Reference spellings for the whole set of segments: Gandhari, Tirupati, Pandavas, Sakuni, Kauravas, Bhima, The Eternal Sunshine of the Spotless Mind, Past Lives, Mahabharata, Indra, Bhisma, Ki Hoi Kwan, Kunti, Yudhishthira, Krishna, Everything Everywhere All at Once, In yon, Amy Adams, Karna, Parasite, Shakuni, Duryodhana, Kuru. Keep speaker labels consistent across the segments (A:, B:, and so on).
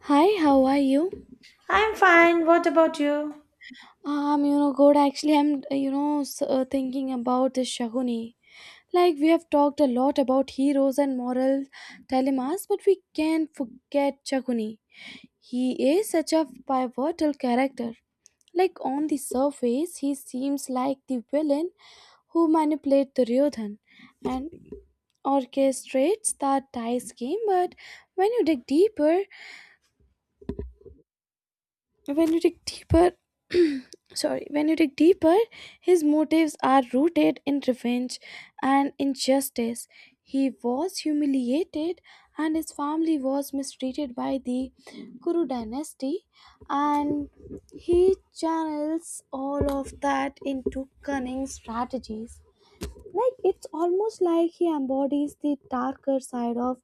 A: Hi, how are you?
B: I'm fine. What about you?
A: Good. Actually, I'm, thinking about this Shaguni. We have talked a lot about heroes and moral dilemmas, but we can't forget Shaguni. He is such a pivotal character. On the surface, he seems like the villain who manipulates Duryodhan and orchestrates that dice game, but when you dig deeper, when you dig deeper sorry when you dig deeper his motives are rooted in revenge and injustice. He was humiliated and his family was mistreated by the Kuru dynasty, and he channels all of that into cunning strategies. Like, it's almost like he embodies the darker side of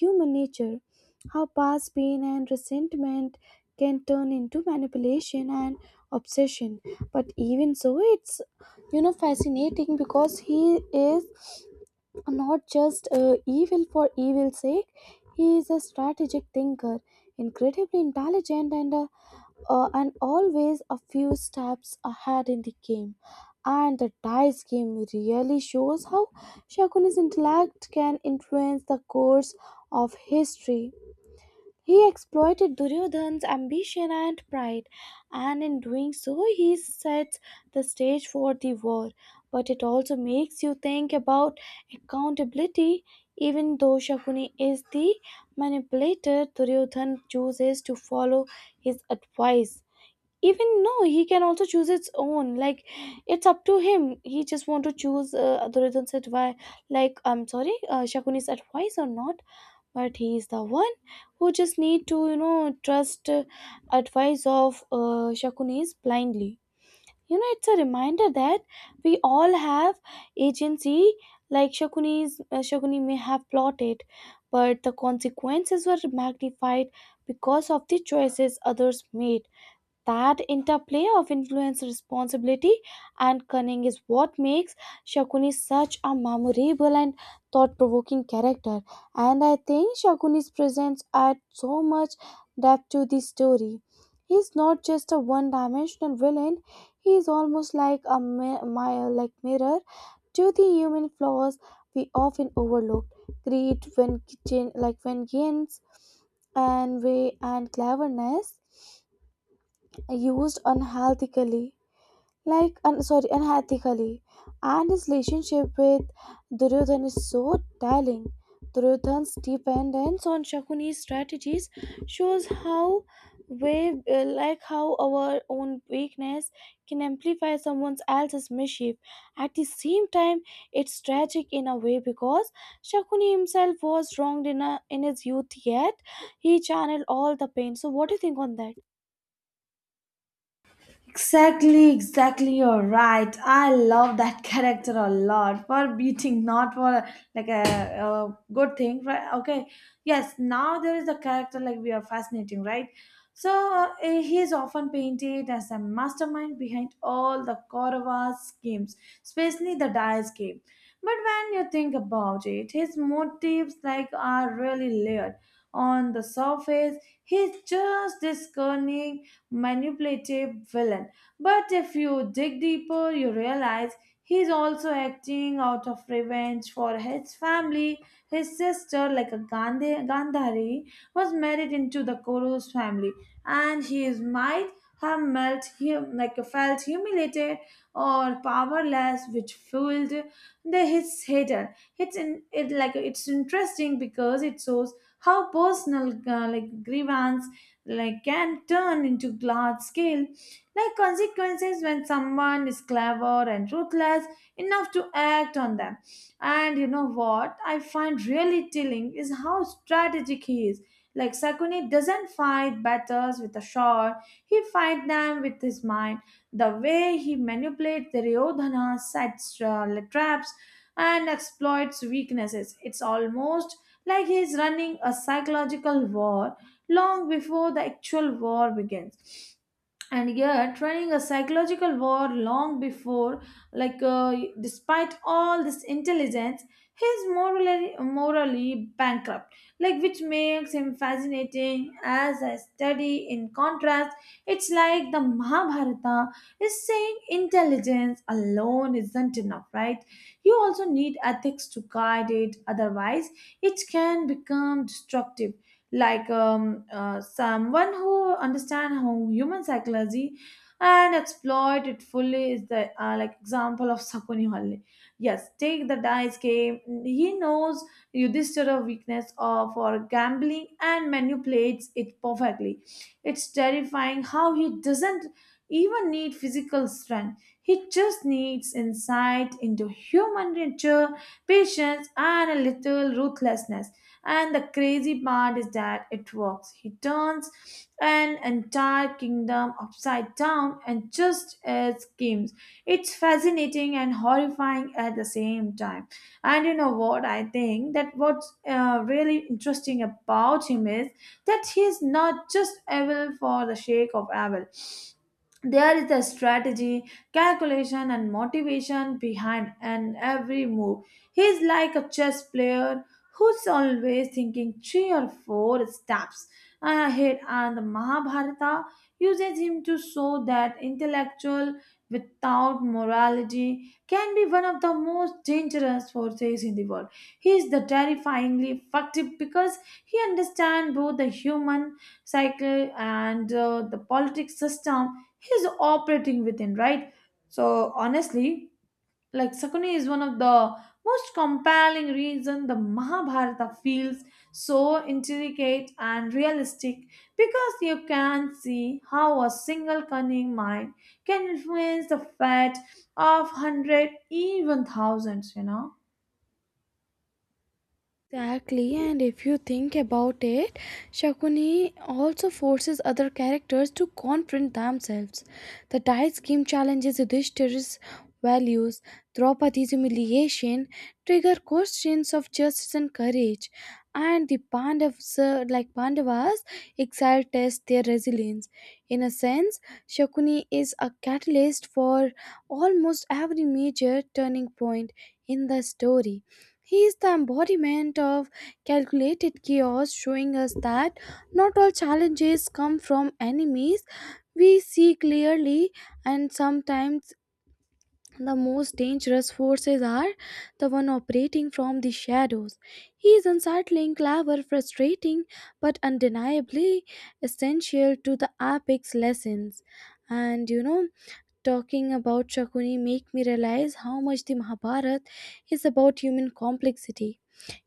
A: human nature, how past pain and resentment can turn into manipulation and obsession. But even so, it's fascinating because he is not just evil for evil's sake. He is a strategic thinker, incredibly intelligent, and always a few steps ahead in the game. And the dice game really shows how Shakuna's intellect can influence the course of history. He exploited Duryodhan's ambition and pride, and in doing so, he sets the stage for the war. But it also makes you think about accountability. Even though Shakuni is the manipulator, Duryodhan chooses to follow his advice. Even no, he can also choose its own. Like, it's up to him. He just want to choose Duryodhan's advice. Like, I'm sorry, Shakuni's advice or not, but he is the one who just need to trust advice of shakunis blindly. You know, it's a reminder that we all have agency. Like, shakuni may have plotted, but the consequences were magnified because of the choices others made. That interplay of influence, responsibility, and cunning is what makes Shakuni such a memorable and thought provoking character. And I think Shakuni's presence adds so much depth to the story. He's not just a one dimensional villain, he is almost like a mirror to the human flaws we often overlook. Greed, when kitchen, like vengeance, and way and cleverness used unhealthily, like un, sorry unethically. And his relationship with Duryodhan is so telling. Duryodhan's dependence on Shakuni's strategies shows how we like how our own weakness can amplify someone else's mischief. At the same time, it's tragic in a way because Shakuni himself was wronged in his youth, yet he channeled all the pain. So what do you think on that?
B: Exactly, exactly. You're right. I love that character a lot for beating, not for a good thing, right? Okay. Yes. Now there is a character like we are fascinating, right? So he is often painted as a mastermind behind all the Kauravas schemes, especially the Dyer scheme. But when you think about it, his motives like are really layered. On the surface, he's just this cunning manipulative villain. But if you dig deeper, you realize he's also acting out of revenge for his family. His sister, like a Gandhari, was married into the Kuru's family, and he is might have melt him like felt humiliated or powerless, which fueled the his hatred. It's interesting because it shows how personal like grievance like can turn into large scale like consequences when someone is clever and ruthless enough to act on them. And you know what I find really telling is how strategic he is. Like Sakuni doesn't fight battles with a sword, he fight them with his mind. The way he manipulates the Ryodhana, sets traps, and exploits weaknesses. It's almost like he's running a psychological war long before the actual war begins. And yet running a psychological war long before like Despite all this intelligence he's morally bankrupt, like which makes him fascinating as a study in contrast. It's like the Mahabharata is saying intelligence alone isn't enough, right? You also need ethics to guide it, otherwise it can become destructive. Like someone who understands how human psychology and exploit it fully is the like example of Sakuni Halle. Yes, take the dice game. He knows Yudhishthira's weakness of for gambling and manipulates it perfectly. It's terrifying how he doesn't even need physical strength. He just needs insight into human nature, patience, and a little ruthlessness. And the crazy part is that it works. He turns an entire kingdom upside down and just as schemes. It's fascinating and horrifying at the same time. And you know what? I think that what's really interesting about him is that he is not just evil for the sake of evil. There is a strategy, calculation, and motivation behind and every move. He's like a chess player who's always thinking three or four steps ahead, and the Mahabharata uses him to show that intellectual without morality can be one of the most dangerous forces in the world. He is the terrifyingly effective because he understands both the human cycle and the politic system he's operating within, right? So honestly, like Sakuni is one of the most compelling reason the Mahabharata feels so intricate and realistic, because you can see how a single cunning mind can influence the fate of hundred even thousands, you know.
A: Exactly, and if you think about it, Shakuni also forces other characters to confront themselves. The dice game challenges Yudhishthir's values, Draupadi's humiliation, trigger questions of justice and courage, and the Pandavas, exile test their resilience. In a sense, Shakuni is a catalyst for almost every major turning point in the story. He is the embodiment of calculated chaos, showing us that not all challenges come from enemies we see clearly, and sometimes the most dangerous forces are the one operating from the shadows. He is unsettling, clever, frustrating, but undeniably essential to the epic's lessons. And you know, talking about Shakuni make me realize how much the Mahabharata is about human complexity.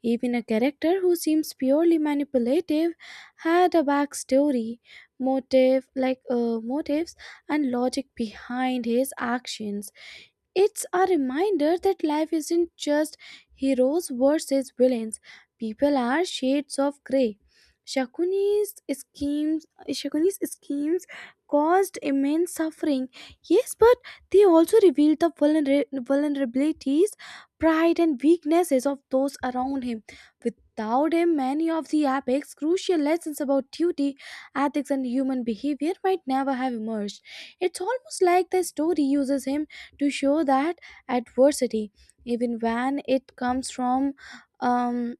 A: Even a character who seems purely manipulative had a backstory, motives and logic behind his actions. It's a reminder that life isn't just heroes versus villains. People are shades of grey. Shakuni's schemes caused immense suffering. Yes, but they also revealed the vulnerabilities, pride, and weaknesses of those around him. Without him, many of the epics' crucial lessons about duty, ethics, and human behavior might never have emerged. It's almost like the story uses him to show that adversity, even when it comes um,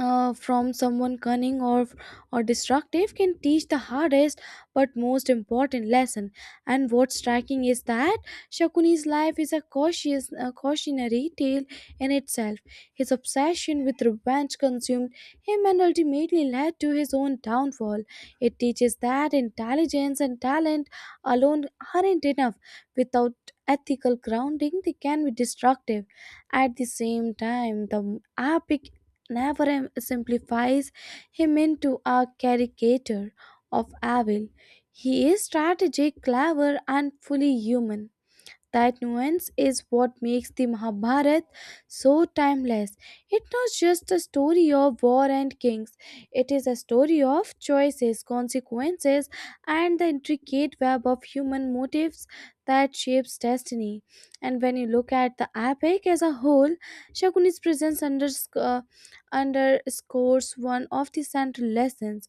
A: from someone cunning or destructive, can teach the hardest but most important lesson. And what's striking is that Shakuni's life is a cautionary tale in itself. His obsession with revenge consumed him and ultimately led to his own downfall. It teaches that intelligence and talent alone aren't enough. Without ethical grounding, they can be destructive. At the same time, the epic never simplifies him into a caricature of evil. He is strategic, clever, and fully human. That nuance is what makes the Mahabharata so timeless. It's not just a story of war and kings, it is a story of choices, consequences, and the intricate web of human motives that shapes destiny. And when you look at the epic as a whole, Shakuni's presence underscores one of the central lessons.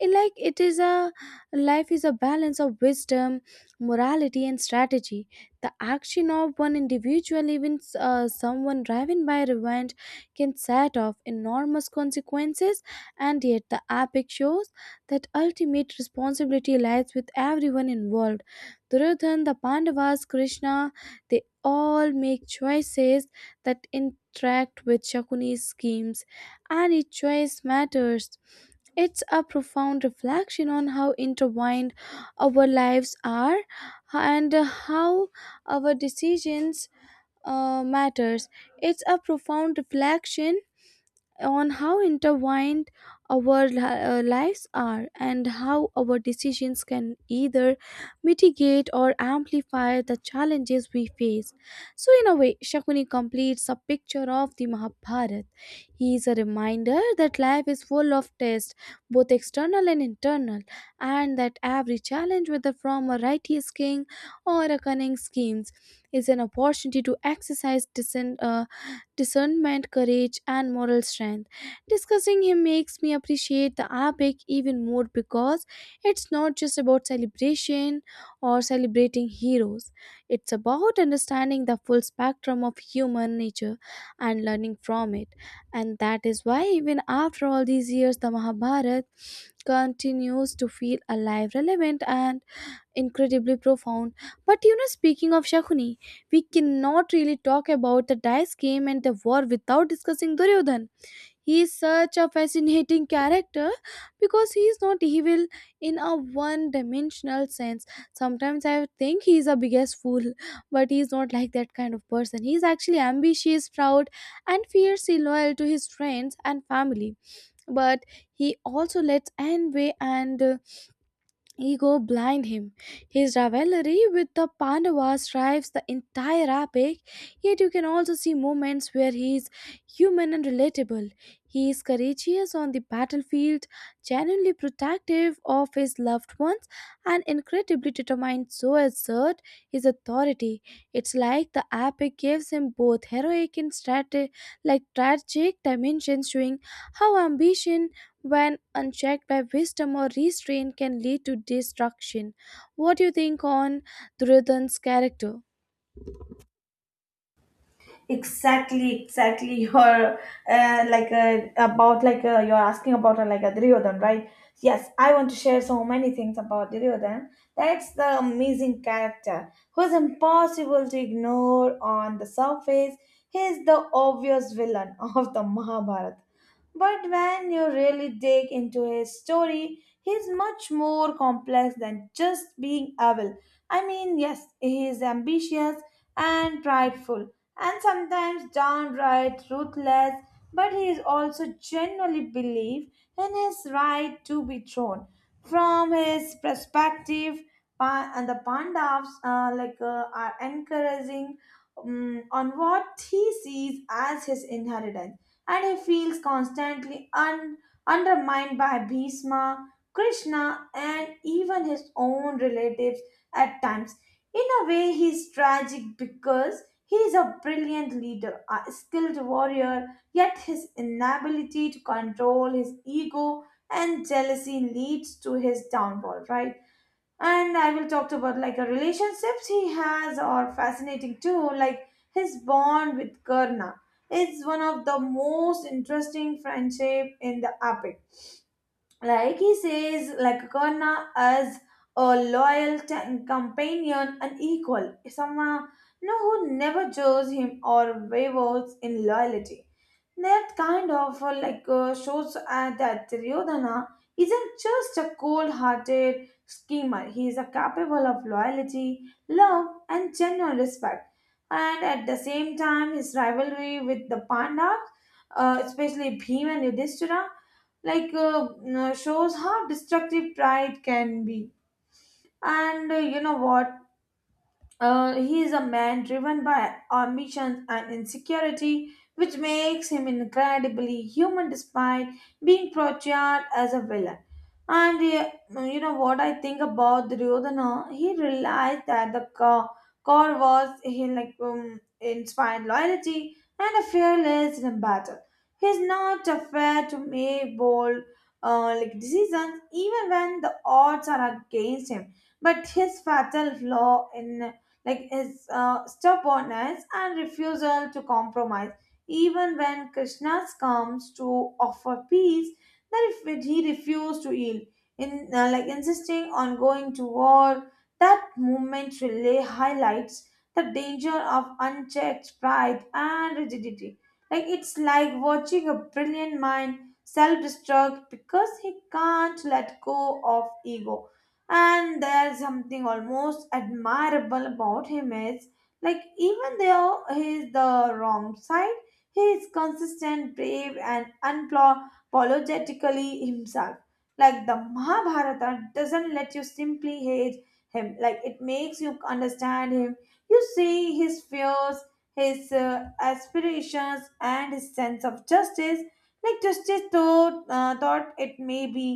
A: It- like it is a Life is a balance of wisdom, morality, and strategy. The action of one individual, even someone driven by revenge, can set off enormous consequences. And yet the epic shows that ultimate responsibility lies with everyone involved. Duryodhan, the Pandavas, Krishna, they all make choices that interact with Shakuni's schemes, and each choice matters. It's a profound reflection on how intertwined our lives are and how our decisions matters. It's a profound reflection on how intertwined our lives are, and how our decisions can either mitigate or amplify the challenges we face. So, in a way, Shakuni completes a picture of the Mahabharata. He is a reminder that life is full of tests, both external and internal, and that every challenge, whether from a righteous king or a cunning schemes, is an opportunity to exercise discernment, courage, and moral strength. Discussing him makes me appreciate the epic even more because it's not just about celebration or celebrating heroes, it's about understanding the full spectrum of human nature and learning from it. And that is why, even after all these years, the Mahabharata continues to feel alive, relevant, and incredibly profound. But you know, speaking of Shakuni, we cannot really talk about the dice game and the war without discussing Duryodhan. He is such a fascinating character because he is not evil in a one dimensional sense. Sometimes I think he is a biggest fool, but he is not like that kind of person. He is actually ambitious, proud, and fiercely loyal to his friends and family. But he also lets envy and ego blind him. His rivalry with the Pandavas drives the entire epic, yet you can also see moments where he is human and relatable. He is courageous on the battlefield, genuinely protective of his loved ones, and incredibly determined to assert his authority. It's like the epic gives him both heroic and tragic dimensions, showing how ambition when unchecked by wisdom or restraint can lead to destruction. What do you think on Duryodhan's character?
B: Exactly, exactly. you're like about like You're asking about like a Duryodhan, right? Yes, I want to share so many things about Duryodhan. That's the amazing character who's impossible to ignore. On the surface he's the obvious villain of the Mahabharata, but when you really dig into his story, he's much more complex than just being evil. I mean, yes, he is ambitious and prideful, and sometimes downright ruthless, but he is also genuinely believe in his right to be thrown. From his perspective, Pa- and the Pandavas are encouraging on what he sees as his inheritance, and he feels constantly undermined by Bhisma, Krishna, and even his own relatives at times. In a way, he's tragic because he is a brilliant leader, a skilled warrior, yet his inability to control his ego and jealousy leads to his downfall, right? And I will talk about like a relationships he has are fascinating too. Like his bond with Karna is one of the most interesting friendship in the epic. Like he says, like Karna as a loyal companion and equal, someone no who never judges him or wavers in loyalty. That kind of shows that Duryodhana isn't just a cold-hearted schemer. He is a capable of loyalty, love, and genuine respect. And at the same time, his rivalry with the Pandavas, especially Bhima and Yudhishthira, you shows how destructive pride can be. And you know what? He is a man driven by ambition and insecurity, which makes him incredibly human despite being portrayed as a villain. And you know what I think about Duryodhana? He realized that the core was he like inspired loyalty and a fearless in battle. He's not afraid to make bold like decisions even when the odds are against him. But his fatal flaw in like his stubbornness and refusal to compromise. Even when Krishna comes to offer peace, that if he refused to yield, in like insisting on going to war, that movement relay highlights the danger of unchecked pride and rigidity. Like it's like watching a brilliant mind self-destruct because he can't let go of ego. And there's something almost admirable about him is like even though he's the wrong side, he is consistent, brave, and unapologetically himself. Like the Mahabharata doesn't let you simply hate him, like it makes you understand him. You see his fears, his aspirations, and his sense of justice, like justice thought it may be.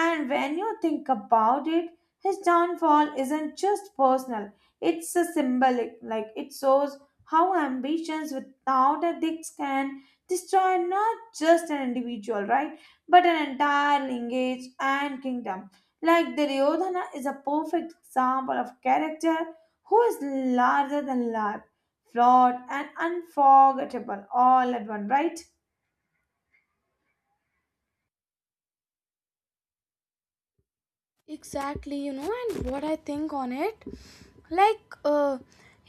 B: And when you think about it, his downfall isn't just personal, it's a symbolic, like it shows how ambitions without ethics can destroy not just an individual, right? But an entire lineage and kingdom. Like Duryodhana is a perfect example of character who is larger than life, flawed and unforgettable all at one, right?
A: Exactly. You know, and what I think on it, like uh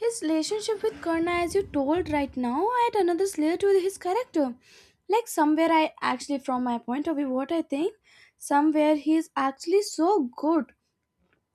A: his relationship with Karna, as you told right now, add another layer to his character. Like, somewhere I actually, from my point of view, what I think, somewhere he is actually so good,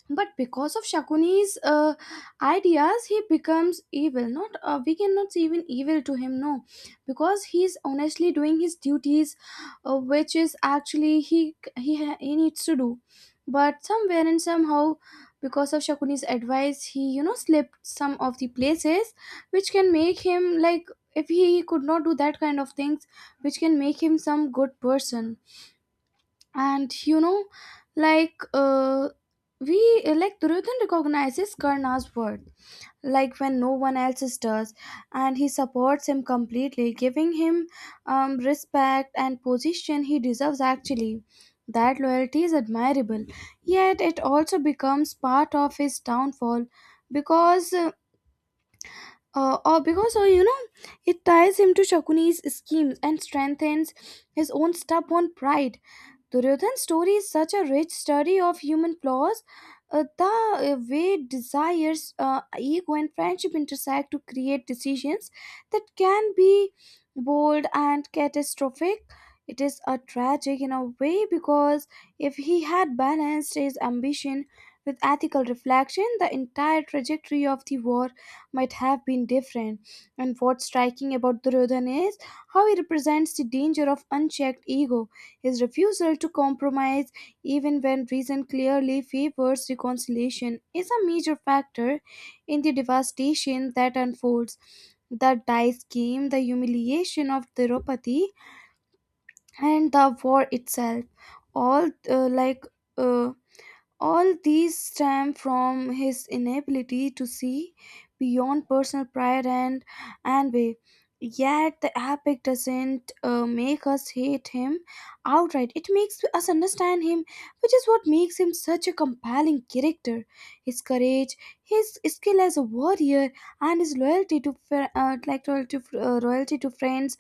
A: but because of Shakuni's ideas, he becomes evil. Not We cannot say even evil to him, no, because he's honestly doing his duties, which is actually he needs to do. But somewhere and somehow, because of Shakuni's advice, he slipped some of the places, which can make him like, if he could not do that kind of things, which can make him some good person. And you know, like we like Duryodhan recognizes Karna's worth like when no one else does, and he supports him completely, giving him respect and position he deserves actually. That loyalty is admirable, yet it also becomes part of his downfall because, or because or you know, it ties him to Shakuni's schemes and strengthens his own stubborn pride. Duryodhan's story is such a rich study of human flaws, the way desires, ego, and friendship intersect to create decisions that can be bold and catastrophic. It is a tragic in a way because if he had balanced his ambition with ethical reflection, the entire trajectory of the war might have been different. And what's striking about Duryodhana is how he represents the danger of unchecked ego. His refusal to compromise, even when reason clearly favors reconciliation, is a major factor in the devastation that unfolds. The dice game, the humiliation of Tirupati, and the war itself all uh, like uh, all these stem from his inability to see beyond personal pride and envy. Yet the epic doesn't make us hate him outright. It makes us understand him, which is what makes him such a compelling character. His courage, his skill as a warrior, and his loyalty to fr- like loyalty to, loyalty to friends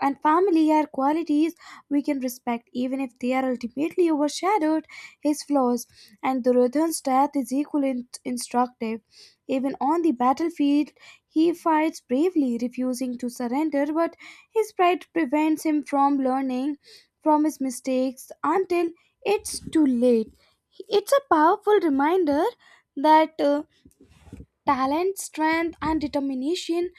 A: and family are qualities we can respect, even if they are ultimately overshadowed his flaws. And Duryodhan's death is equally instructive. Even on the battlefield, he fights bravely, refusing to surrender, but his pride prevents him from learning from his mistakes until it's too late. It's a powerful reminder that talent, strength, and determination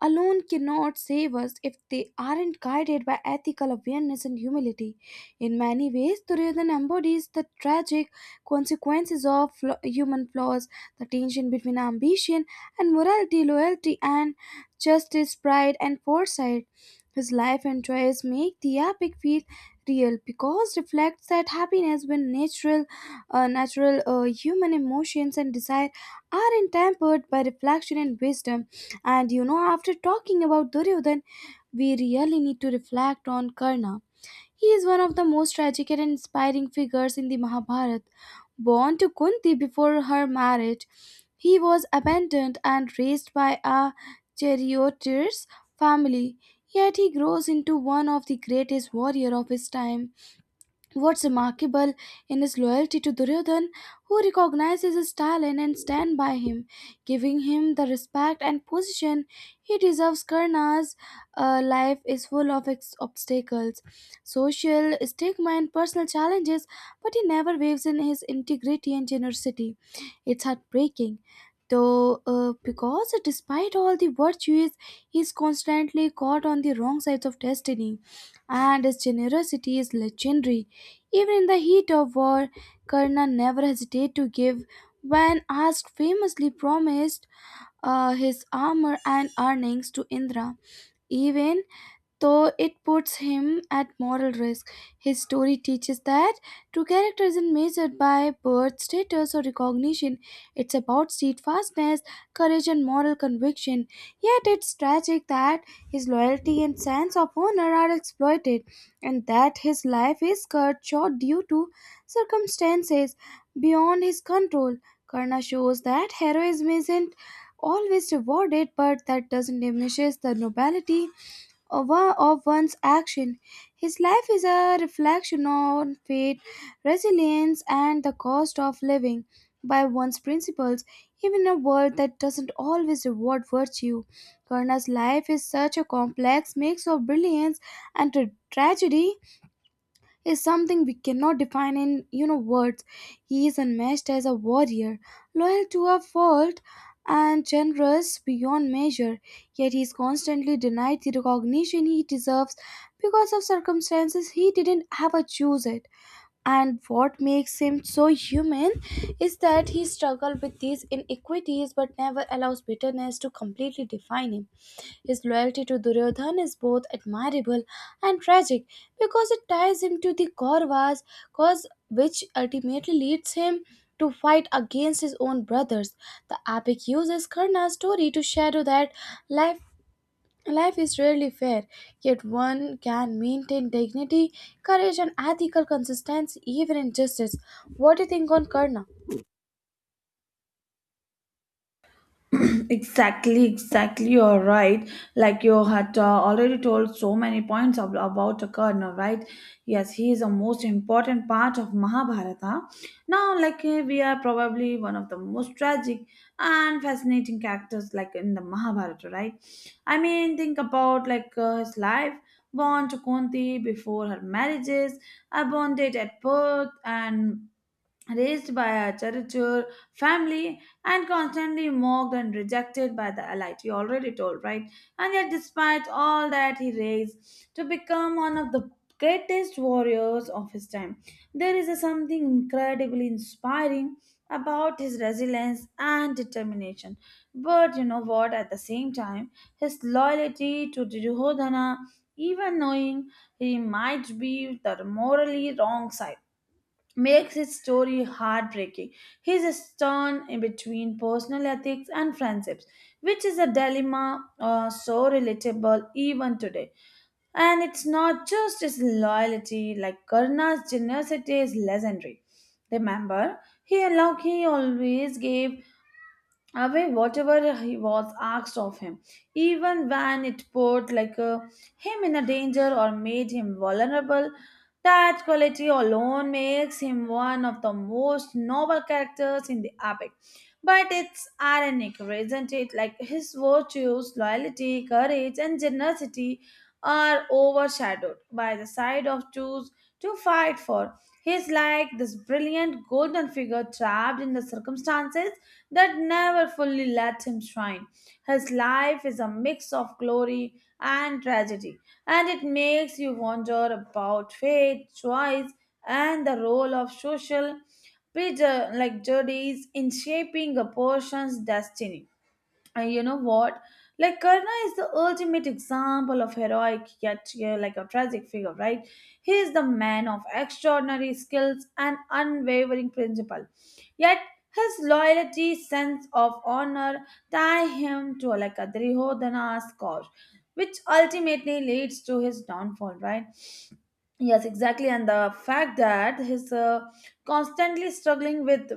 A: alone cannot save us if they aren't guided by ethical awareness and humility. In many ways, Duryodhana embodies the tragic consequences of human flaws, the tension between ambition and morality, loyalty and justice, pride and foresight. His life and choice make the epic feel real because reflects that happiness when natural human emotions and desire aren't tempered by reflection and wisdom. And you know, after talking about Duryodhan, we really need to reflect on Karna. He is one of the most tragic and inspiring figures in the Mahabharata. Born to Kunti before her marriage, he was abandoned and raised by a charioteer's family. Yet he grows into one of the greatest warriors of his time. What's remarkable in his loyalty to Duryodhan, who recognizes his talent and stand by him, giving him the respect and position he deserves. Karna's life is full of obstacles, social stigma, and personal challenges, but he never waves in his integrity and generosity. It's heartbreaking. Though, because despite all the virtues, he's constantly caught on the wrong sides of destiny. And his generosity is legendary. Even in the heat of war, Karna never hesitated to give. When asked, famously promised his armor and earnings to Indra, even though it puts him at moral risk. His story teaches that true character isn't measured by birth, status, or recognition. It's about steadfastness, courage, and moral conviction. Yet it's tragic that his loyalty and sense of honor are exploited, and that his life is cut short due to circumstances beyond his control. Karna shows that heroism isn't always rewarded, but that doesn't diminish the nobility of one's action. His life is a reflection on fate, resilience, and the cost of living by one's principles, even in a world that doesn't always reward virtue. Karna's life is such a complex mix of brilliance and tragedy, is something we cannot define in words. He is unmatched as a warrior, loyal to a fault and generous beyond measure, yet he is constantly denied the recognition he deserves because of circumstances he didn't have a choose it. And what makes him so human is that he struggled with these inequities but never allows bitterness to completely define him. His loyalty to Duryodhan is both admirable and tragic because it ties him to the Kauravas, cause which ultimately leads him to fight against his own brothers. The epic uses Karna's story to shadow that life life is rarely fair, yet one can maintain dignity, courage, and ethical consistency even in justice. What do you think on Karna?
B: Exactly, exactly. You're right. Like you had already told so many points about Karna, right? Yes, he is the most important part of Mahabharata. Now, like we are probably one of the most tragic and fascinating characters, like in the Mahabharata, right? I mean, think about like his life, born to Kunti before her marriages, abandoned at birth, and raised by a caricature family and constantly mocked and rejected by the elite. You already told, right? And yet, despite all that, he raised to become one of the greatest warriors of his time. There is a something incredibly inspiring about his resilience and determination. But you know what? At the same time, his loyalty to Duryodhana, even knowing he might be the morally wrong side makes his story heartbreaking. He's a stern in between personal ethics and friendships, which is a dilemma so relatable even today. And it's not just his loyalty, like Karna's generosity is legendary. Remember, he always gave away whatever he was asked of him, even when it put him in a danger or made him vulnerable. That quality alone makes him one of the most noble characters in the epic. But it's ironic, isn't it? Like his virtues, loyalty, courage, and generosity are overshadowed by the side of choose to fight for. He's like this brilliant golden figure trapped in the circumstances that never fully let him shine. His life is a mix of glory and tragedy, and it makes you wonder about fate, choice, and the role of social prejudice in shaping a person's destiny. And you know what? Like Karna is the ultimate example of heroic yet like a tragic figure, right? He is the man of extraordinary skills and unwavering principle. Yet his loyalty, sense of honor tie him to like a Duryodhana's cause, which ultimately leads to his downfall, right? Yes, exactly. And the fact that he's constantly struggling with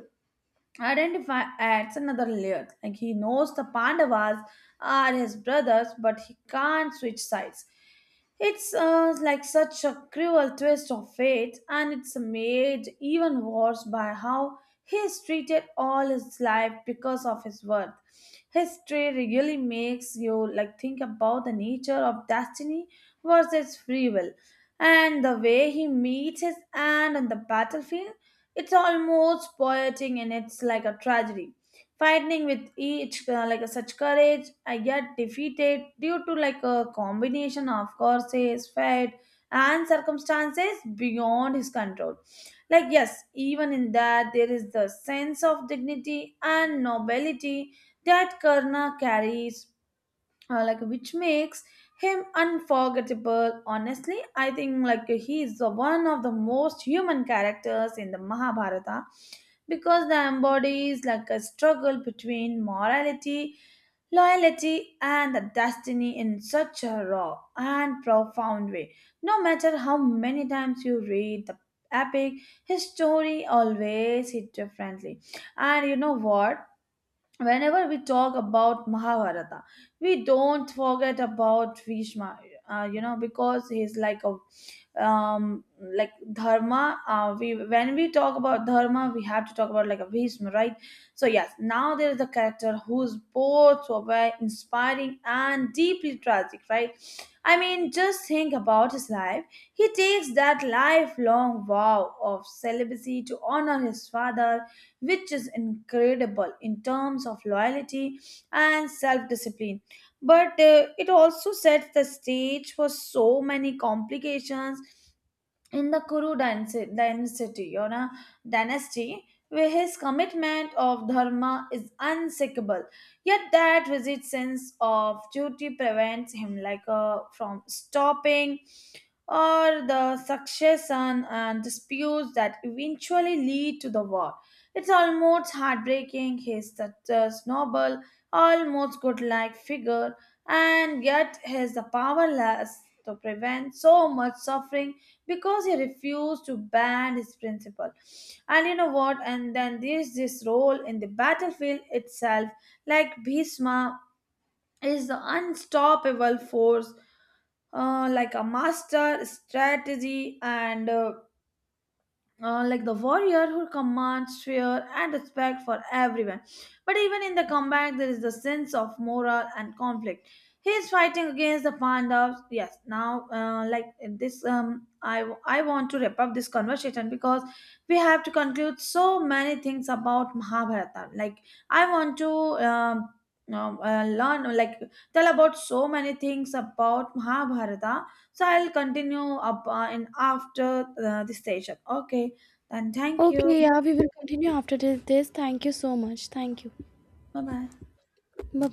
B: Identify adds another layer. Like he knows the Pandavas are his brothers, but he can't switch sides. It's like such a cruel twist of fate, and it's made even worse by how he is treated all his life because of his worth. History really makes you like think about the nature of destiny versus free will, and the way he meets his end on the battlefield, it's almost poetic and it's like a tragedy. Fighting with each like a such courage, I get defeated due to like a combination of courses, fate, and circumstances beyond his control. Like yes, even in that there is the sense of dignity and nobility that Karna carries like which makes him unforgettable. Honestly I think like he is the one of the most human characters in the Mahabharata because the embodies like a struggle between morality, loyalty, and the destiny in such a raw and profound way. No matter how many times you read the epic, his story always hit differently. And you know what, whenever we talk about Mahabharata, we don't forget about Vishma, you know, because he's like a like dharma, we when we talk about dharma we have to talk about like a Bhisma, right? So yes, now there is a character who's both so very inspiring and deeply tragic, right? I mean, just think about his life. He takes that lifelong vow of celibacy to honor his father, which is incredible in terms of loyalty and self-discipline. But it also sets the stage for so many complications in the Kuru dynasty, dynasty, or a dynasty, where his commitment of dharma is unshakable, yet that rigid sense of duty prevents him like a, from stopping or the succession and disputes that eventually lead to the war. It's almost heartbreaking. He's such a noble, almost good-like figure, and yet has the powerless to prevent so much suffering because he refused to bend his principle. And you know what? And then there's this role in the battlefield itself, like Bhisma is the unstoppable force, like a master strategy and like the warrior who commands fear and respect for everyone. But even in the comeback, there is the sense of moral and conflict. He is fighting against the Pandavas. Yes, now this, I want to wrap up this conversation because we have to conclude so many things about Mahabharata. Like I want to. Learn like tell about so many things about Mahabharata. So I'll continue up in after this session. Okay. And thank you.
A: Okay, yeah, we will continue after this. Thank you so much. Thank you.
B: Bye bye.
A: Bye.